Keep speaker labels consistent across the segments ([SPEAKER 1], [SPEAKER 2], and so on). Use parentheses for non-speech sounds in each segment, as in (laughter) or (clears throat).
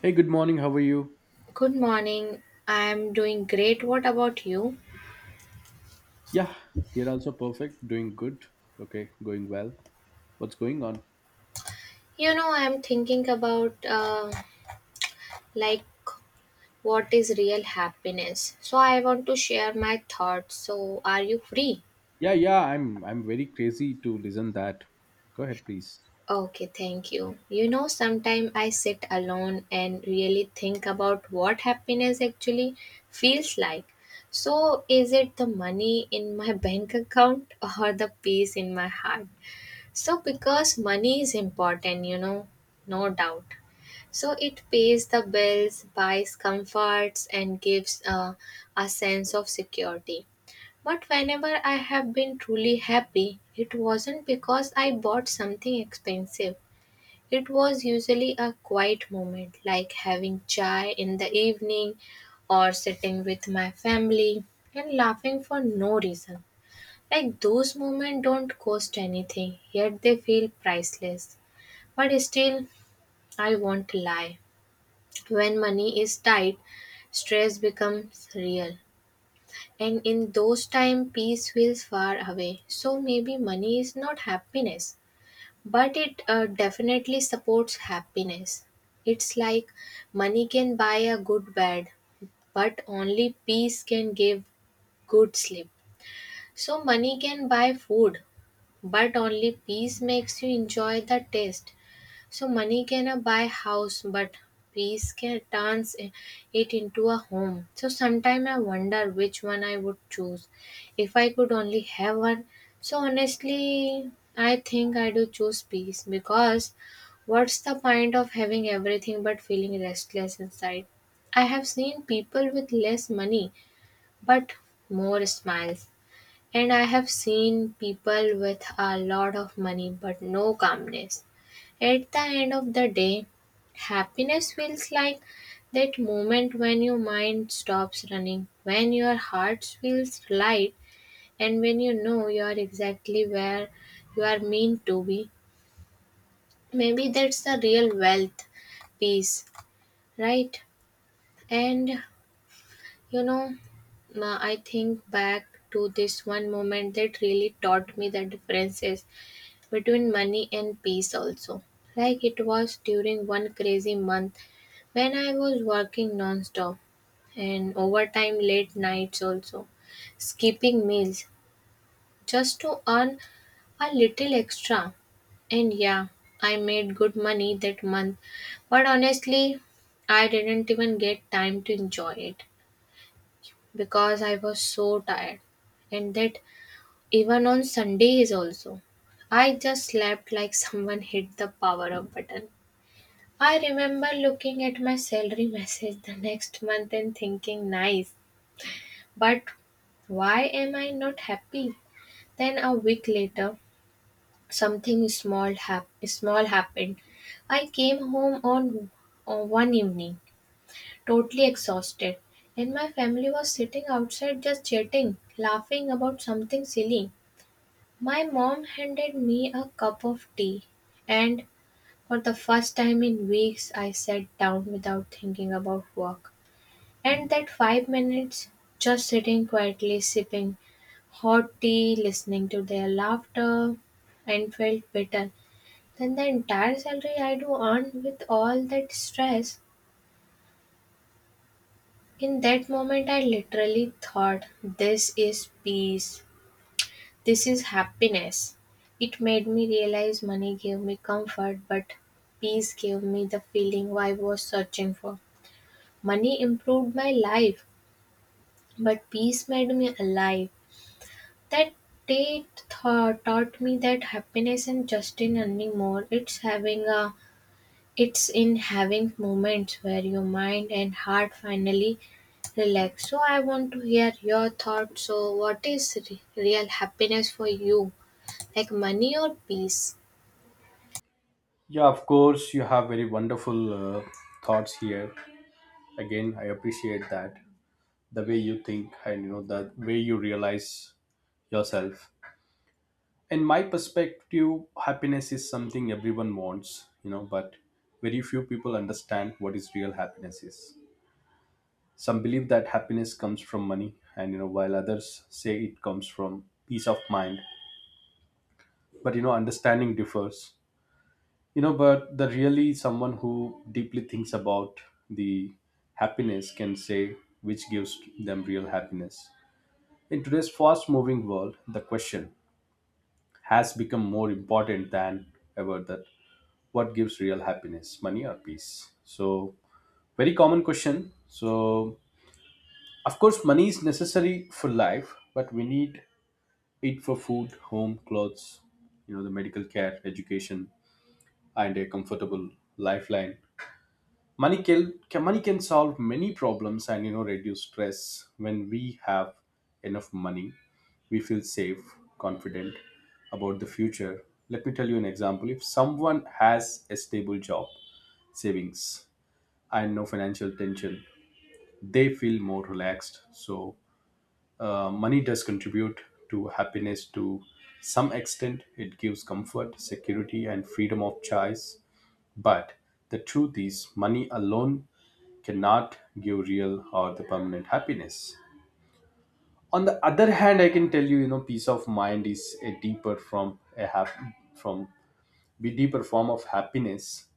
[SPEAKER 1] Hey, good morning. How are you?
[SPEAKER 2] Good morning. I'm doing great. What about you?
[SPEAKER 1] Yeah, here also perfect. Doing good. Okay, going well. What's going on?
[SPEAKER 2] You know, I'm thinking about like what is real happiness. So I want to share my thoughts. So are you free?
[SPEAKER 1] Yeah, yeah. I'm very crazy to listen that. Go ahead, please.
[SPEAKER 2] Okay, thank you. You know, sometimes I sit alone and really think about what happiness actually feels like. So, is it the money in my (laughs) bank account or the peace in my heart? So, because money is important, no doubt. So it pays the bills, buys comforts, and gives a sense of security. But whenever I have been truly happy, it wasn't because I bought something expensive. It was usually a quiet moment, like having chai in the evening or sitting with my family and laughing for no reason. Like those moments don't cost anything, yet they feel priceless. But still, I won't lie. When money is tight, stress becomes real. And in those times, peace feels far away. So maybe money is not happiness, but it definitely supports happiness. It's like money can buy a good bed, but only peace can give good sleep. So money can buy food, but only peace makes you enjoy the taste. So money cannot buy house, but peace can turns it into a home. So sometimes I wonder which one I would choose if I could only have one. So honestly, I think I do choose peace because what's the point of having everything but feeling restless inside? I have seen people with less money but more smiles, and I have seen people with a lot of money but no calmness. At the end of the day, happiness feels like that moment when your mind stops running, when your heart feels light, and when you know you are exactly where you are meant to be. Maybe that's the real wealth piece, right? And you know, I think back to this one moment that really taught me the differences between money and peace, also. Like it was during one crazy month when I was working non-stop and overtime late nights also, skipping meals just to earn a little extra. And yeah, I made good money that month, but honestly, I didn't even get time to enjoy it because I was so tired. And that even on Sundays also, I just slept like (laughs) someone hit the power up button. I remember looking at my salary message the next month and thinking, nice, but why am I not happy? Then a week later, something small, small happened. I came home on one evening, totally exhausted, and my family was sitting outside just chatting, laughing about something silly. My mom handed me a cup of tea, and for the first time in weeks, I sat down without thinking about work. And that 5 minutes, just sitting quietly, sipping hot tea, listening to their laughter, and felt better than the entire salary I do earn with all that stress. In that moment, I literally thought, this is peace, this is happiness. It made me realize money gave me comfort, but peace gave me the feeling I was searching for. Money improved my life, but peace made me alive. That day taught me that happiness and just in earning more. It's having it's in having moments where your mind and heart finally relax. So I want to hear your thoughts. So what is real happiness for you, like money or peace?
[SPEAKER 1] Yeah, of course. You have very wonderful thoughts here. Again, I appreciate that the way you think and you know the way you realize yourself. In my perspective, happiness is something everyone wants, you know, but very few people understand what is real happiness is. Some believe that happiness comes from money, and you know, while others say it comes from peace of mind. But you know, understanding differs. You know, but the really someone who deeply thinks about the happiness can say which gives them real happiness. In today's fast-moving world, the question has become more important than ever that what gives real happiness, money or peace? So, very common question. So, of course money is necessary for life, but we need eat for food, home, clothes, you know, the medical care, education, and a comfortable lifeline. Money can solve many problems and you know reduce stress. When we have enough money, we feel safe, confident about the future. Let me tell you an example. If someone has a stable job, savings, and no financial tension, they feel more relaxed. So money does contribute to happiness to some extent. It gives comfort, security, and freedom of choice. But the truth is, money alone cannot give real or the permanent happiness. On the other hand, I can tell you, you know, peace of mind is a deeper from a hap- from be deeper form of happiness,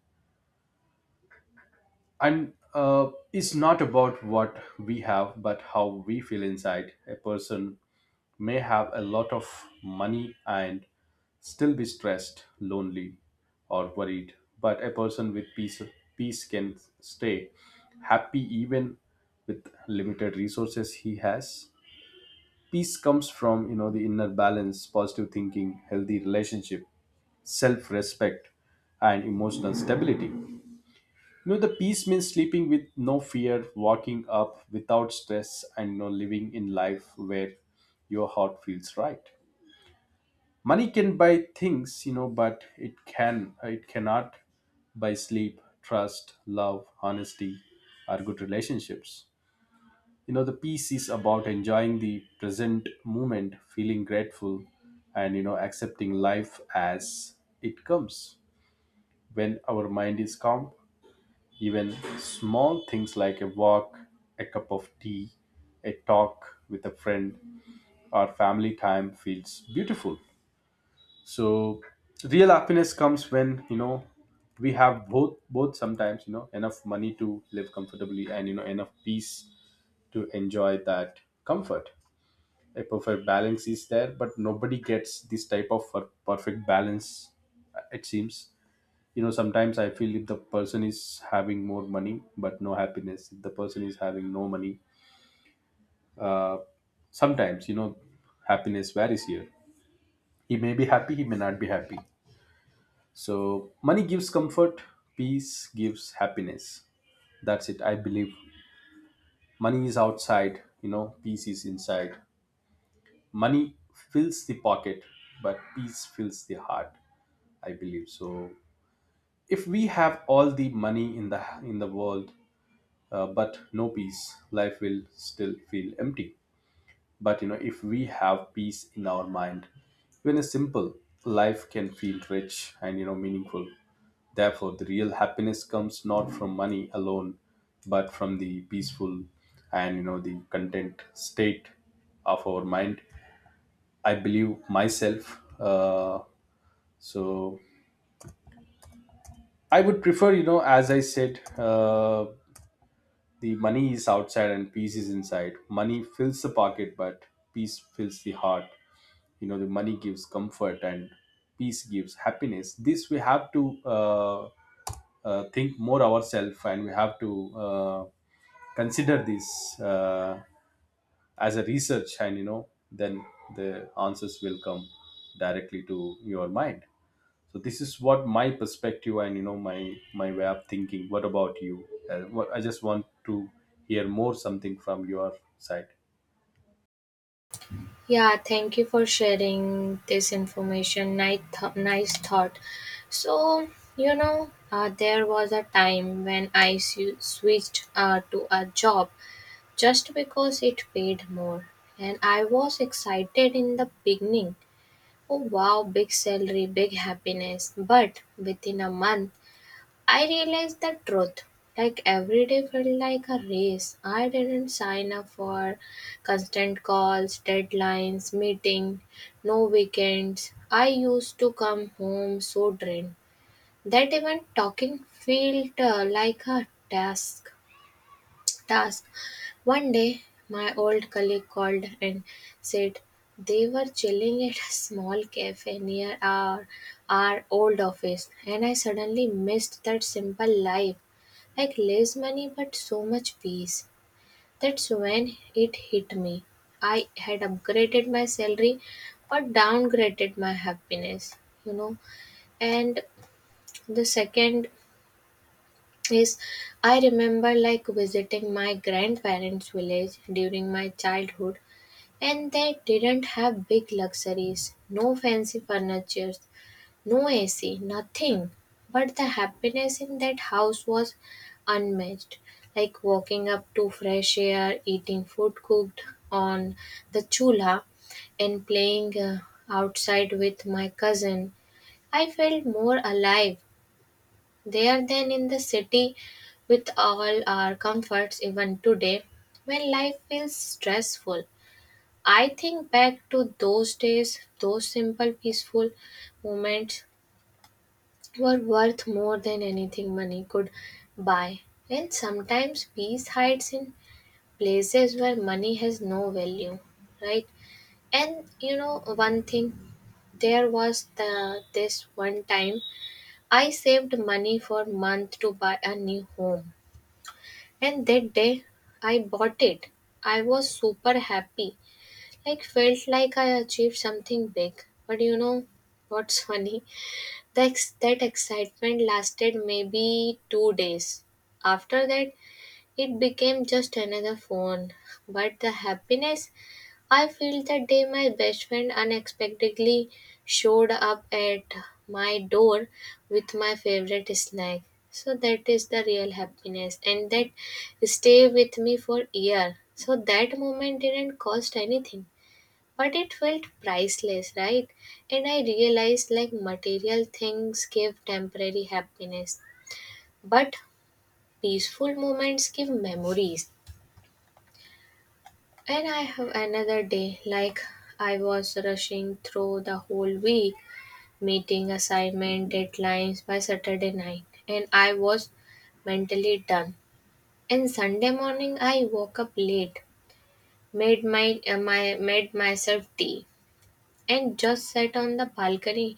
[SPEAKER 1] and it's not about what we have, but how we feel inside. A person may have a lot of money and still be stressed, lonely, or worried. But a person with peace, peace can stay happy even with limited resources he has. Peace comes from you know the inner balance, positive thinking, healthy relationship, self-respect, and emotional stability. You know, the peace means sleeping with no fear, walking up without stress, and you know, living in life where your heart feels right. Money can buy things you know, but it cannot buy sleep, trust, love, honesty, or good relationships. You know, the peace is about enjoying the present moment, feeling grateful, and you know accepting life as it comes. When our mind is calm, even small things like a walk, a cup of tea, a talk with a friend, or family time feels beautiful. So real happiness comes when you know we have both, both sometimes, you know, enough money to live comfortably, and you know enough peace to enjoy that comfort. A perfect balance is there, but nobody gets this type of perfect balance, it seems. You know, sometimes I feel if the person is having more money but no happiness, if the person is having no money, uh, sometimes you know happiness varies here. He may be happy, he may not be happy. So, money gives comfort, peace gives happiness. That's it, I believe. Money is outside, you know, peace is inside. Money fills the pocket, but peace fills the heart, I believe. So, if we have all the money in the world, but no peace, life will still feel empty. But you know, if we have peace in our mind, even a simple life can feel rich and you know meaningful. Therefore, the real happiness comes not from money alone, but from the peaceful and you know the content state of our mind. I believe myself. So I would prefer, you know, as I said, the money is outside and peace is inside. Money fills the pocket, but peace fills the heart. You know, the money gives comfort and peace gives happiness. This we have to think more ourselves, and we have to uh, consider this as a research, and you know then the answers will come directly to your mind. So this is what my perspective and you know my way of thinking. What about you? I just want to hear more something from your side.
[SPEAKER 2] Yeah, thank you for sharing this information. Nice, nice thought. So, there was a time when I switched to a job just because it paid more. And I was excited in the beginning. Oh, wow, big salary, big happiness. But within a month, I realized the truth. Like every day felt like a race. I didn't sign up for constant calls, deadlines, meeting, no weekends. I used to come home so drained that even talking felt like a task. One day, my old colleague called and said they were chilling at a small cafe near our old office, and I suddenly missed that simple life like less money but so much peace. That's when it hit me. I had upgraded my salary but downgraded my happiness, you know. And the second. Yes, I remember like visiting my grandparents' village during my childhood, and they didn't have big luxuries, no fancy furniture, no AC, nothing. But the happiness in that house was unmatched. Like walking up to fresh air, eating food cooked on the chula, and playing outside with my cousin, I felt more alive there then in the city with all our comforts even today when life feels stressful. I think back to those days, those simple peaceful moments were worth more than anything money could buy. And sometimes peace hides in places where money has no value, right? And you know one thing there was this one time I saved money for month to buy a new home. And that day I bought it, I was super happy. Like felt like I achieved something big. But you know what's (laughs) funny? The that excitement lasted maybe 2 days. After that it became just another phone, but the happiness I feel that day my best friend unexpectedly showed up at my door with my favorite snack. So that is the real happiness and that stay with me for year. So that moment didn't cost anything but it felt priceless, right? And I realized like material things give temporary happiness, but peaceful moments give memories. And I have another day, like I was rushing through the whole week, meeting assignment deadlines by Saturday night, and I was mentally done. And Sunday morning, I woke up late, made my, my made myself tea, and just sat on the balcony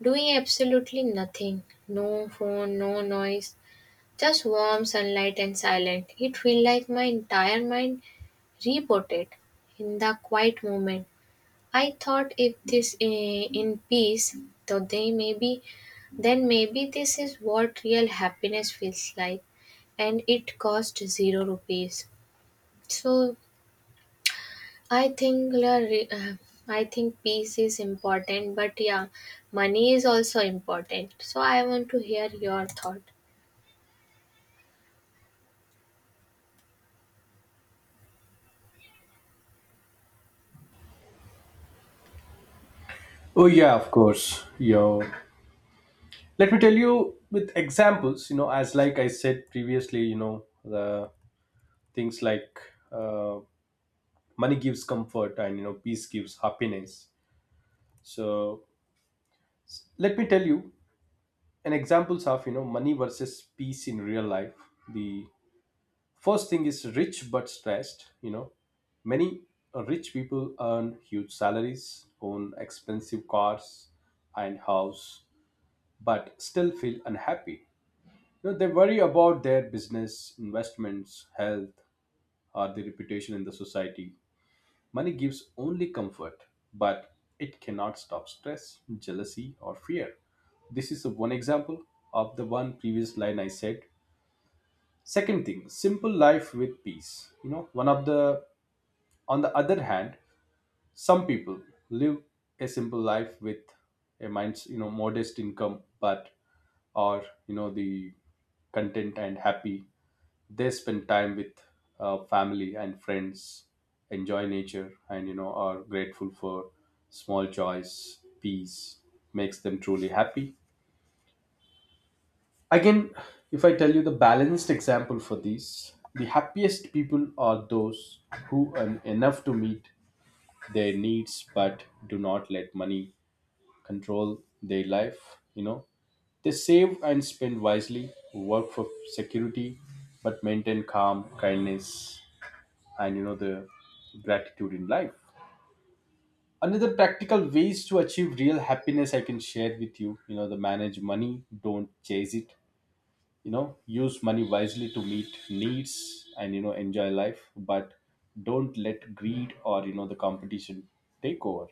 [SPEAKER 2] doing absolutely nothing. No phone, no noise, just warm sunlight and silent. It felt like my entire mind rebooted in the quiet moment I thought if this in peace, though they maybe, then maybe this is what real happiness feels like, and it cost 0 rupees. So I think la re- uh, I think peace is important, but yeah, money is also important. So I want to hear your thought.
[SPEAKER 1] Oh yeah, of course you. Let me tell you with examples, you know, as like I said previously, you know the things like uh, money gives comfort and you know peace gives happiness. So let me tell you an examples of you know money versus peace in real life. The first thing is rich but stressed. You know, many rich people earn huge salaries, own expensive cars and house but still feel unhappy. You know, they worry about their business, investments, health, or their reputation in the society. Money gives only comfort, but it cannot stop stress, jealousy, or fear. This is one example of the one previous line I said. Second thing, simple life with peace. You know, one of the on the other hand, some people live a simple life with a mind, you know modest income, but are you know the content and happy. They spend time with family and friends, enjoy nature, and you know are grateful for small joys. Peace makes them truly happy. Again, if I tell you the balanced example for this, the happiest people are those who earn enough to meet their needs but do not let money control their life. You know, they save and spend wisely, work for security, but maintain calm, kindness, and you know the gratitude in life. Another practical ways to achieve real happiness I can share with you. You know, the manage money, don't chase it. You know, use money wisely to meet needs and you know enjoy life, but don't let greed or you know the competition take over.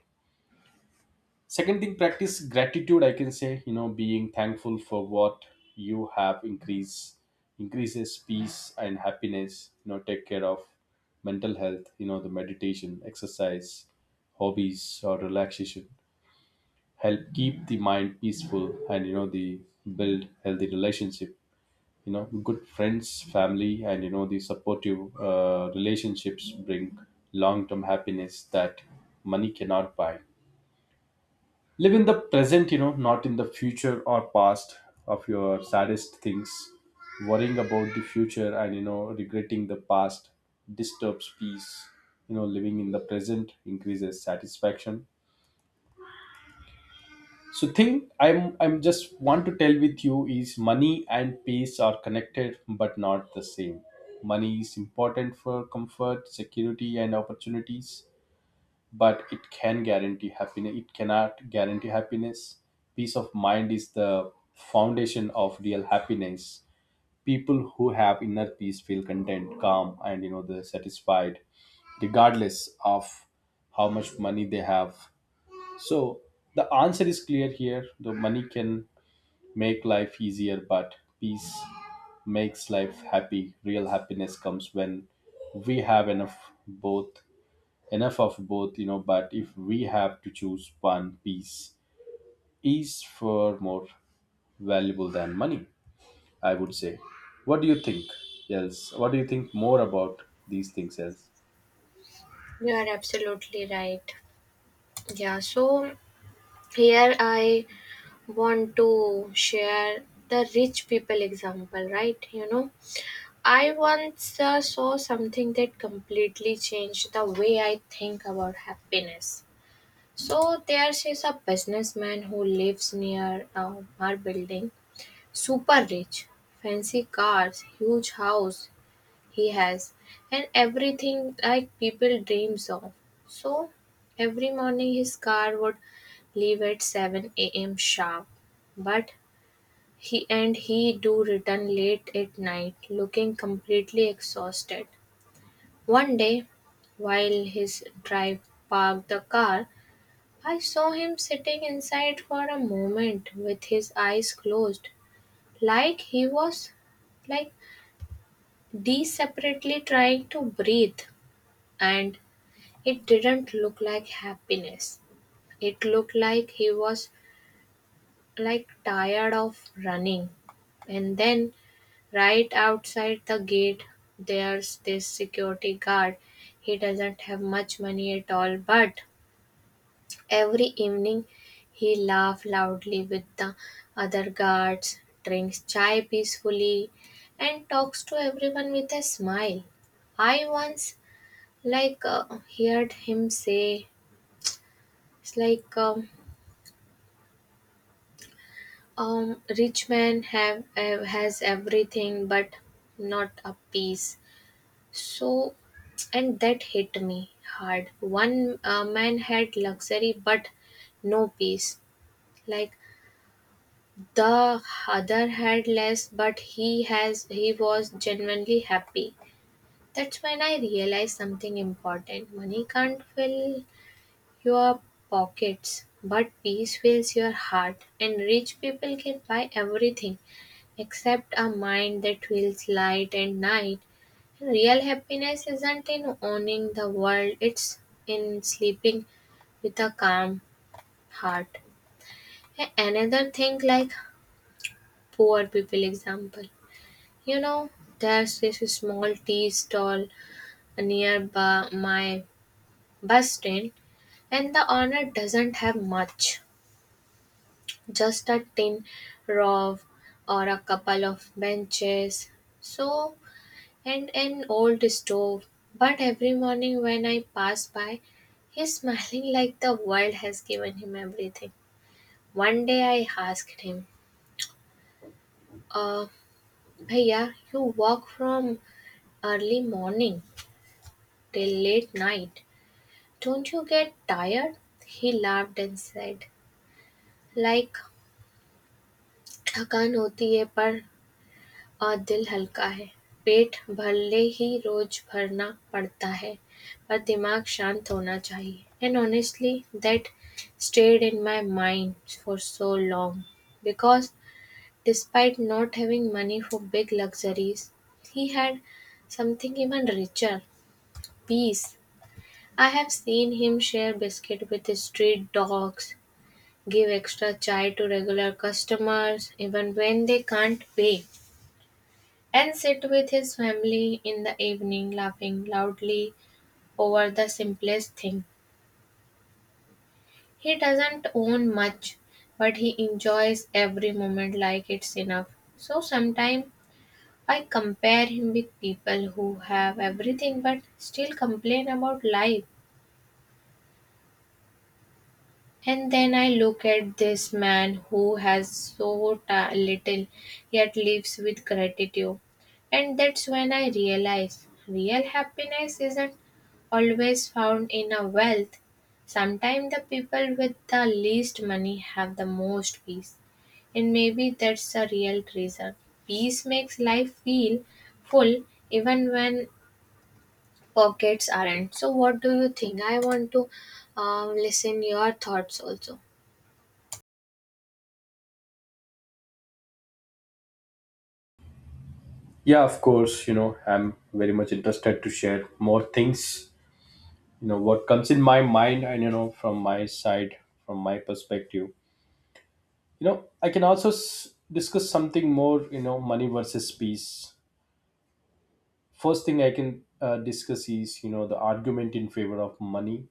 [SPEAKER 1] Second thing, practice gratitude. I can say, you know, being thankful for what you have increases peace and happiness. You know, take care of mental health. You know, the meditation, exercise, hobbies, or relaxation help keep the mind peaceful, and you know the build healthy relationship. You know, good friends, family, and you know the supportive relationships bring long term happiness that money cannot buy. Live in the present, you know, not in the future or past of your saddest things. Worrying about the future and you know regretting the past disturbs peace. You know, living in the present increases satisfaction. So thing I'm just want to tell with you is money and peace are connected but not the same. Money is important for comfort, security, and opportunities, but it can guarantee happiness, it cannot guarantee happiness. Peace of mind is the foundation of real happiness. People who have inner peace feel content, calm, and you know they're satisfied, regardless of how much money they have. So the answer is clear here. The money can make life easier, but peace makes life happy. Real happiness comes when we have enough both, enough of both, you know, but if we have to choose one, peace is far more valuable than money, I would say. What do you think else? What do you think more about these things else?
[SPEAKER 2] You are absolutely right. Yeah, so here I want to share the rich people example, right? You know, I once saw something that completely changed the way I think about happiness. So there's is a businessman who lives near a our building, super rich, fancy cars, huge house he has, and everything like people dreams of. So every morning his car would leave at 7 a.m. sharp, but he and he do return late at night, looking completely exhausted. One day, while his drive parked the car, I saw him sitting inside for a moment with his eyes closed, like he was like desperately trying to breathe. And it didn't look like happiness. It looked like he was like tired of running. And then right outside the gate there's this security guard. He doesn't have much money at all, but every evening he laughs loudly with the other guards, drinks chai peacefully, and talks to everyone with a smile. I once like heard him say, "It's like rich man have has everything but not a peace." So, and that hit me hard. One man had luxury but no peace. Like the other had less, but he was genuinely happy. That's when I realized something important. Money can't fill your pockets, but peace fills your heart. And rich people can buy everything, except a mind that feels light and night. And real happiness isn't in owning the world, it's in sleeping with a calm heart. Another thing like poor people example. You know, there's this small tea stall near my bus stand and the owner doesn't have much. Just a tin roof or a couple of benches. So and an old stove. But every morning when I pass by, he's smiling like the world has given him everything. One day I asked him, uh, Bhaiya, you walk from early morning till late night. Don't you get tired? He laughed and said, like थकान होती है पर और दिल हल्का है। पेट भले ही रोज भरना पड़ता है, पर दिमाग शांत होना चाहिए। And honestly, that stayed in my mind for so long because despite not having money for big luxuries, he had something even richer peace. I have seen him share biscuit with his street dogs, give extra chai to regular customers even when they can't pay. And sit with his family in the evening, laughing loudly over the simplest thing. He doesn't own much, but he enjoys every moment like it's enough. So sometimes I compare him with people who have everything but still complain about life. And then I look at this man who has so little yet lives with gratitude. And that's when I realize real happiness isn't always found in a wealth. Sometimes the people with the least money have the most peace. And maybe that's the real reason. Peace makes life feel full even when pockets aren't. So what do you think? I want to listen your thoughts also.
[SPEAKER 1] Yeah, of course. You know, I'm very much interested to share more things, you know what comes in my mind and you know from my side, from my perspective. You know, I can also discuss something more, you know, money versus peace. First thing I can discuss is you know the argument in favor of money.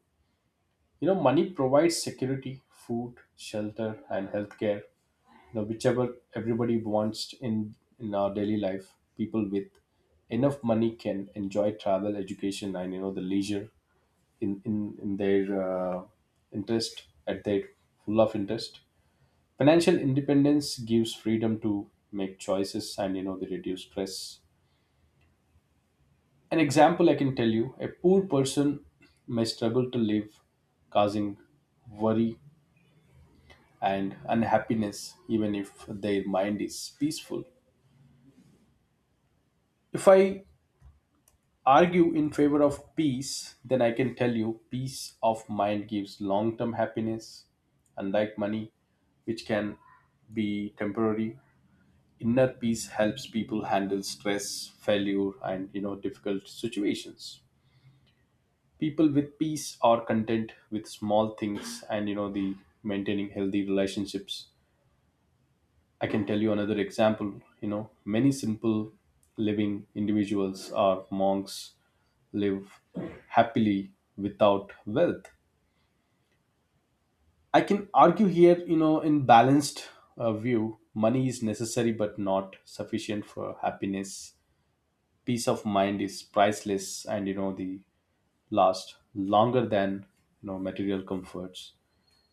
[SPEAKER 1] You know, money provides security, food, shelter, and healthcare, you know, whichever everybody wants in our daily life. People with enough money can enjoy travel, education, and you know the leisure in in their interest, at their full of interest. Financial independence gives freedom to make choices, and you know they reduce stress. An example I can tell you, a poor person may struggle to live, causing worry and unhappiness, even if their mind is peaceful. If I argue in favor of peace, then I can tell you peace of mind gives long term happiness, unlike money, which can be temporary. Inner peace helps people handle stress, failure, and you know difficult situations. People with peace are content with small things, and the maintaining healthy relationships. I can tell you another example. you know many simple living individuals or monks live happily without wealth. I can argue here, in balanced view, money is necessary but not sufficient for happiness. Peace of mind is priceless and the last longer than material comforts,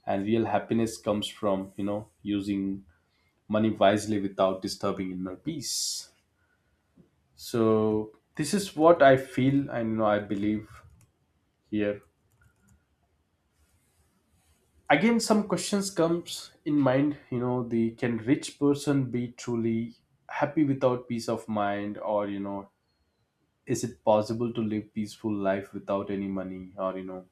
[SPEAKER 1] and real happiness comes from using money wisely without disturbing inner peace. So this is what I feel, and I believe here again some questions comes in mind. The can rich person be truly happy without peace of mind, or is it possible to live peaceful life without any money, or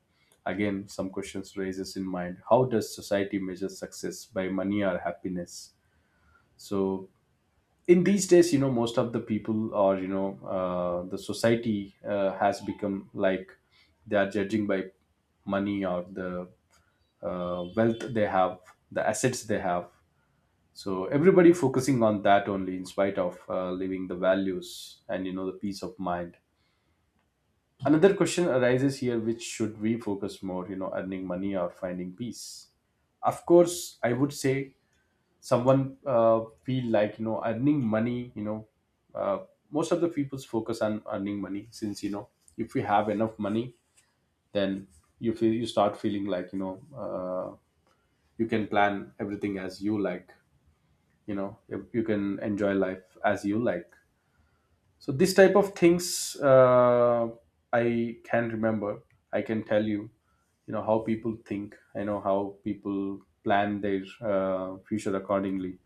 [SPEAKER 1] again some questions raises in mind, how does society measure success, by money or happiness? So in these days, most of the people, or the society has become like they are judging by money or the wealth they have, the assets they have. So everybody focusing on that only, in spite of leaving the values and the peace of mind. Another question arises here: which should we focus more, earning money or finding peace? Of course, I would say someone feel like earning money. Uh, most of the people's focus on earning money, since if we have enough money, then you feel, you start feeling like you can plan everything as you like. You can enjoy life as you like. So this type of things, I can remember, I can tell you, you know how people think, I know how people plan their future accordingly.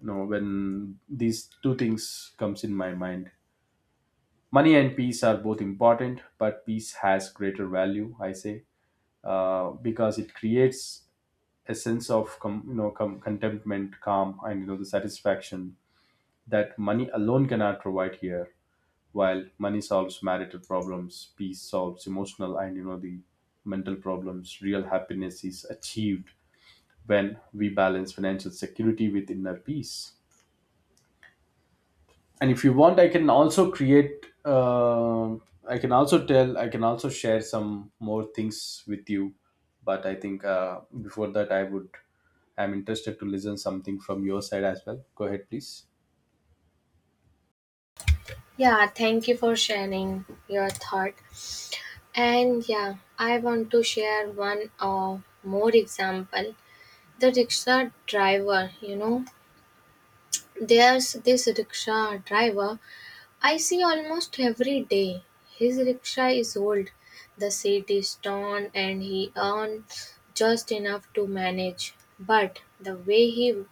[SPEAKER 1] You know, when these two things comes in my mind, money and peace are both important, but peace has greater value, I say, because it creates a sense of contentment, calm, and the satisfaction that money alone cannot provide here. While money solves marital problems, peace solves emotional and the mental problems. Real happiness is achieved when we balance financial security with inner peace. And if you want, I can also create I can also tell I can also share some more things with you. But I think, before that I would, I'm interested to listen something from your side as well. Go ahead, please.
[SPEAKER 2] Yeah, thank you for sharing your thought. And yeah, I want to share one more example. The rickshaw driver, there's this rickshaw driver I see almost every day. His rickshaw is old, the seat is torn, and he earns just enough to manage. But the way he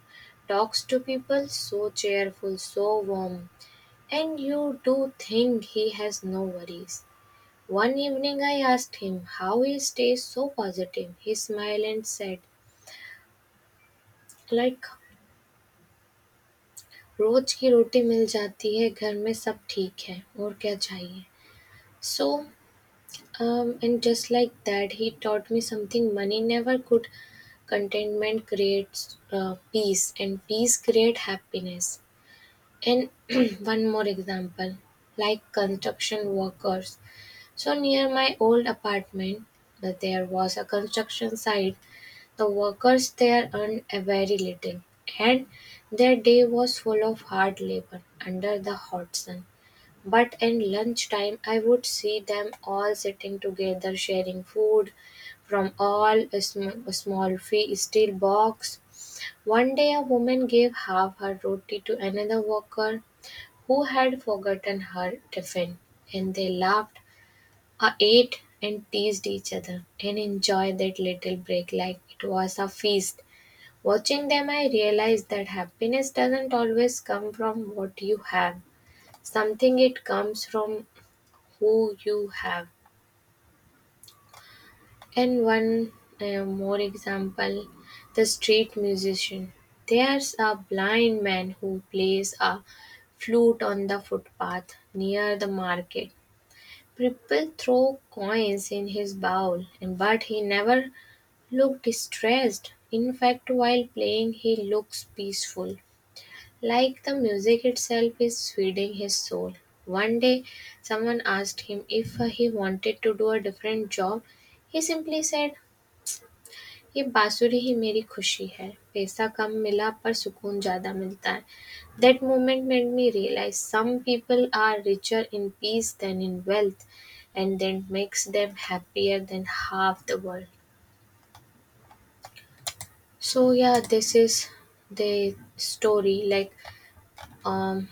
[SPEAKER 2] talks to people, so cheerful, so warm, and you do think he has no worries. One evening I asked him how he stays so positive. He smiled and said, like रोज की रोटी मिल जाती है घर में सब ठीक है और क्या चाहिए. So and just like that he taught me something money never could contentment creates peace and peace creates happiness. And (clears throat) one more example like construction workers so near my old apartment that there was a construction site. The workers there earned a very little, and their day was full of hard labor under the hot sun. But at lunchtime, I would see them all sitting together, sharing food from all a small steel box. One day, a woman gave half her roti to another worker who had forgotten her tiffin, and they laughed, ate, and teased each other, and enjoyed that little break like it was a feast. Watching them I realized that happiness doesn't always come from what you have. Something it comes from who you have. And one more example, the street musician. There's a blind man who plays a flute on the footpath near the market. People throw coins in his bowl, and but he never looked distressed. In fact, while playing, he looks peaceful. Like the music itself is feeding his soul. One day, someone asked him if he wanted to do a different job. He simply said, ये बांसुरी ही मेरी खुशी है पैसा कम मिला पर सुकून ज़्यादा मिलता है. That moment made me realize some people are richer in peace than in wealth, and that makes them happier than half the world. So yeah, this is the story. Like um,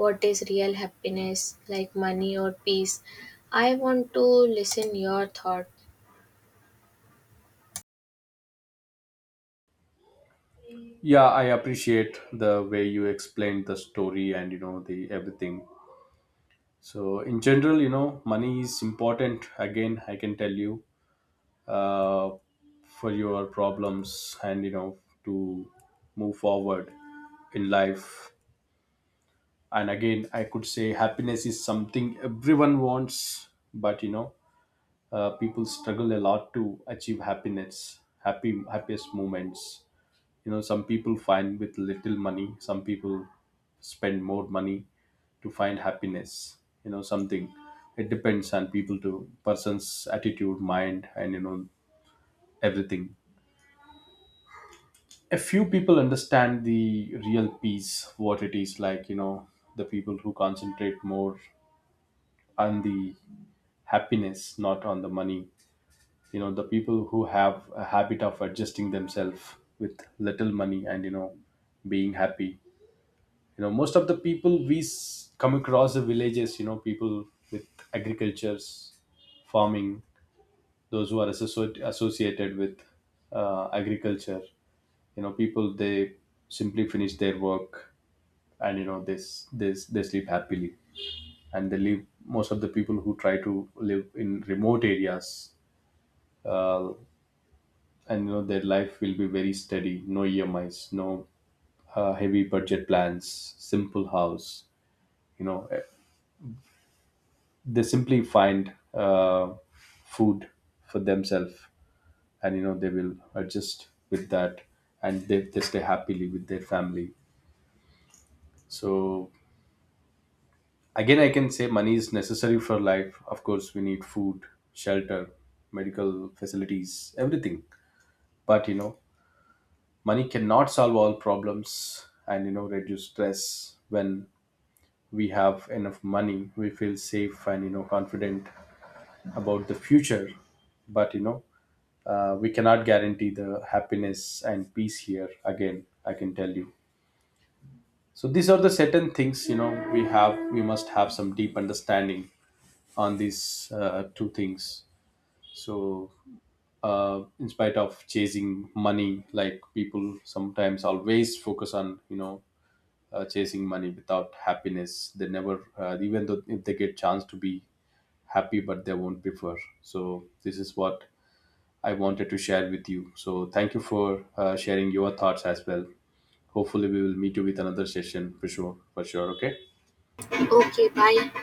[SPEAKER 2] what is real happiness like money or peace? I want to listen your thought.
[SPEAKER 1] Yeah, I appreciate the way you explained the story and the everything. So in general, money is important, again I can tell you, uh, for your problems, and to move forward in life. And again, I could say happiness is something everyone wants. But people struggle a lot to achieve happiness, happy happiest moments. You know, some people find with little money, some people spend more money to find happiness. You know, something it depends on people to person's attitude, mind, and everything. A few people understand the real peace, what it is, like the people who concentrate more on the happiness, not on the money. You know, the people who have a habit of adjusting themselves with little money and, you know, being happy. You know, most of the people we come across the villages, you know, people with agricultures, farming, those who are associated with agriculture, you know, people, they simply finish their work and, you know, they sleep happily. And they live, most of the people who try to live in remote areas, uh, and you know their life will be very steady, no emis no heavy budget plans, simple house, you know eh, they simply find uh, food for themselves, and you know they will adjust with that, and they stay happily with their family. So again I can say money is necessary for life. Of course, we need food, shelter, medical facilities, everything. But you know, money cannot solve all problems and you know reduce stress. When we have enough money, we feel safe and confident about the future. But you know, we cannot guarantee the happiness and peace here, again I can tell you. So these are the certain things, you know, we have, we must have some deep understanding on these two things. So in spite of chasing money, like people sometimes always focus on chasing money without happiness, they never even though if they get chance to be happy, but they won't prefer. So this is what I wanted to share with you. So thank you for sharing your thoughts as well. Hopefully we will meet you with another session. For sure, for sure. Okay.
[SPEAKER 2] Okay, bye.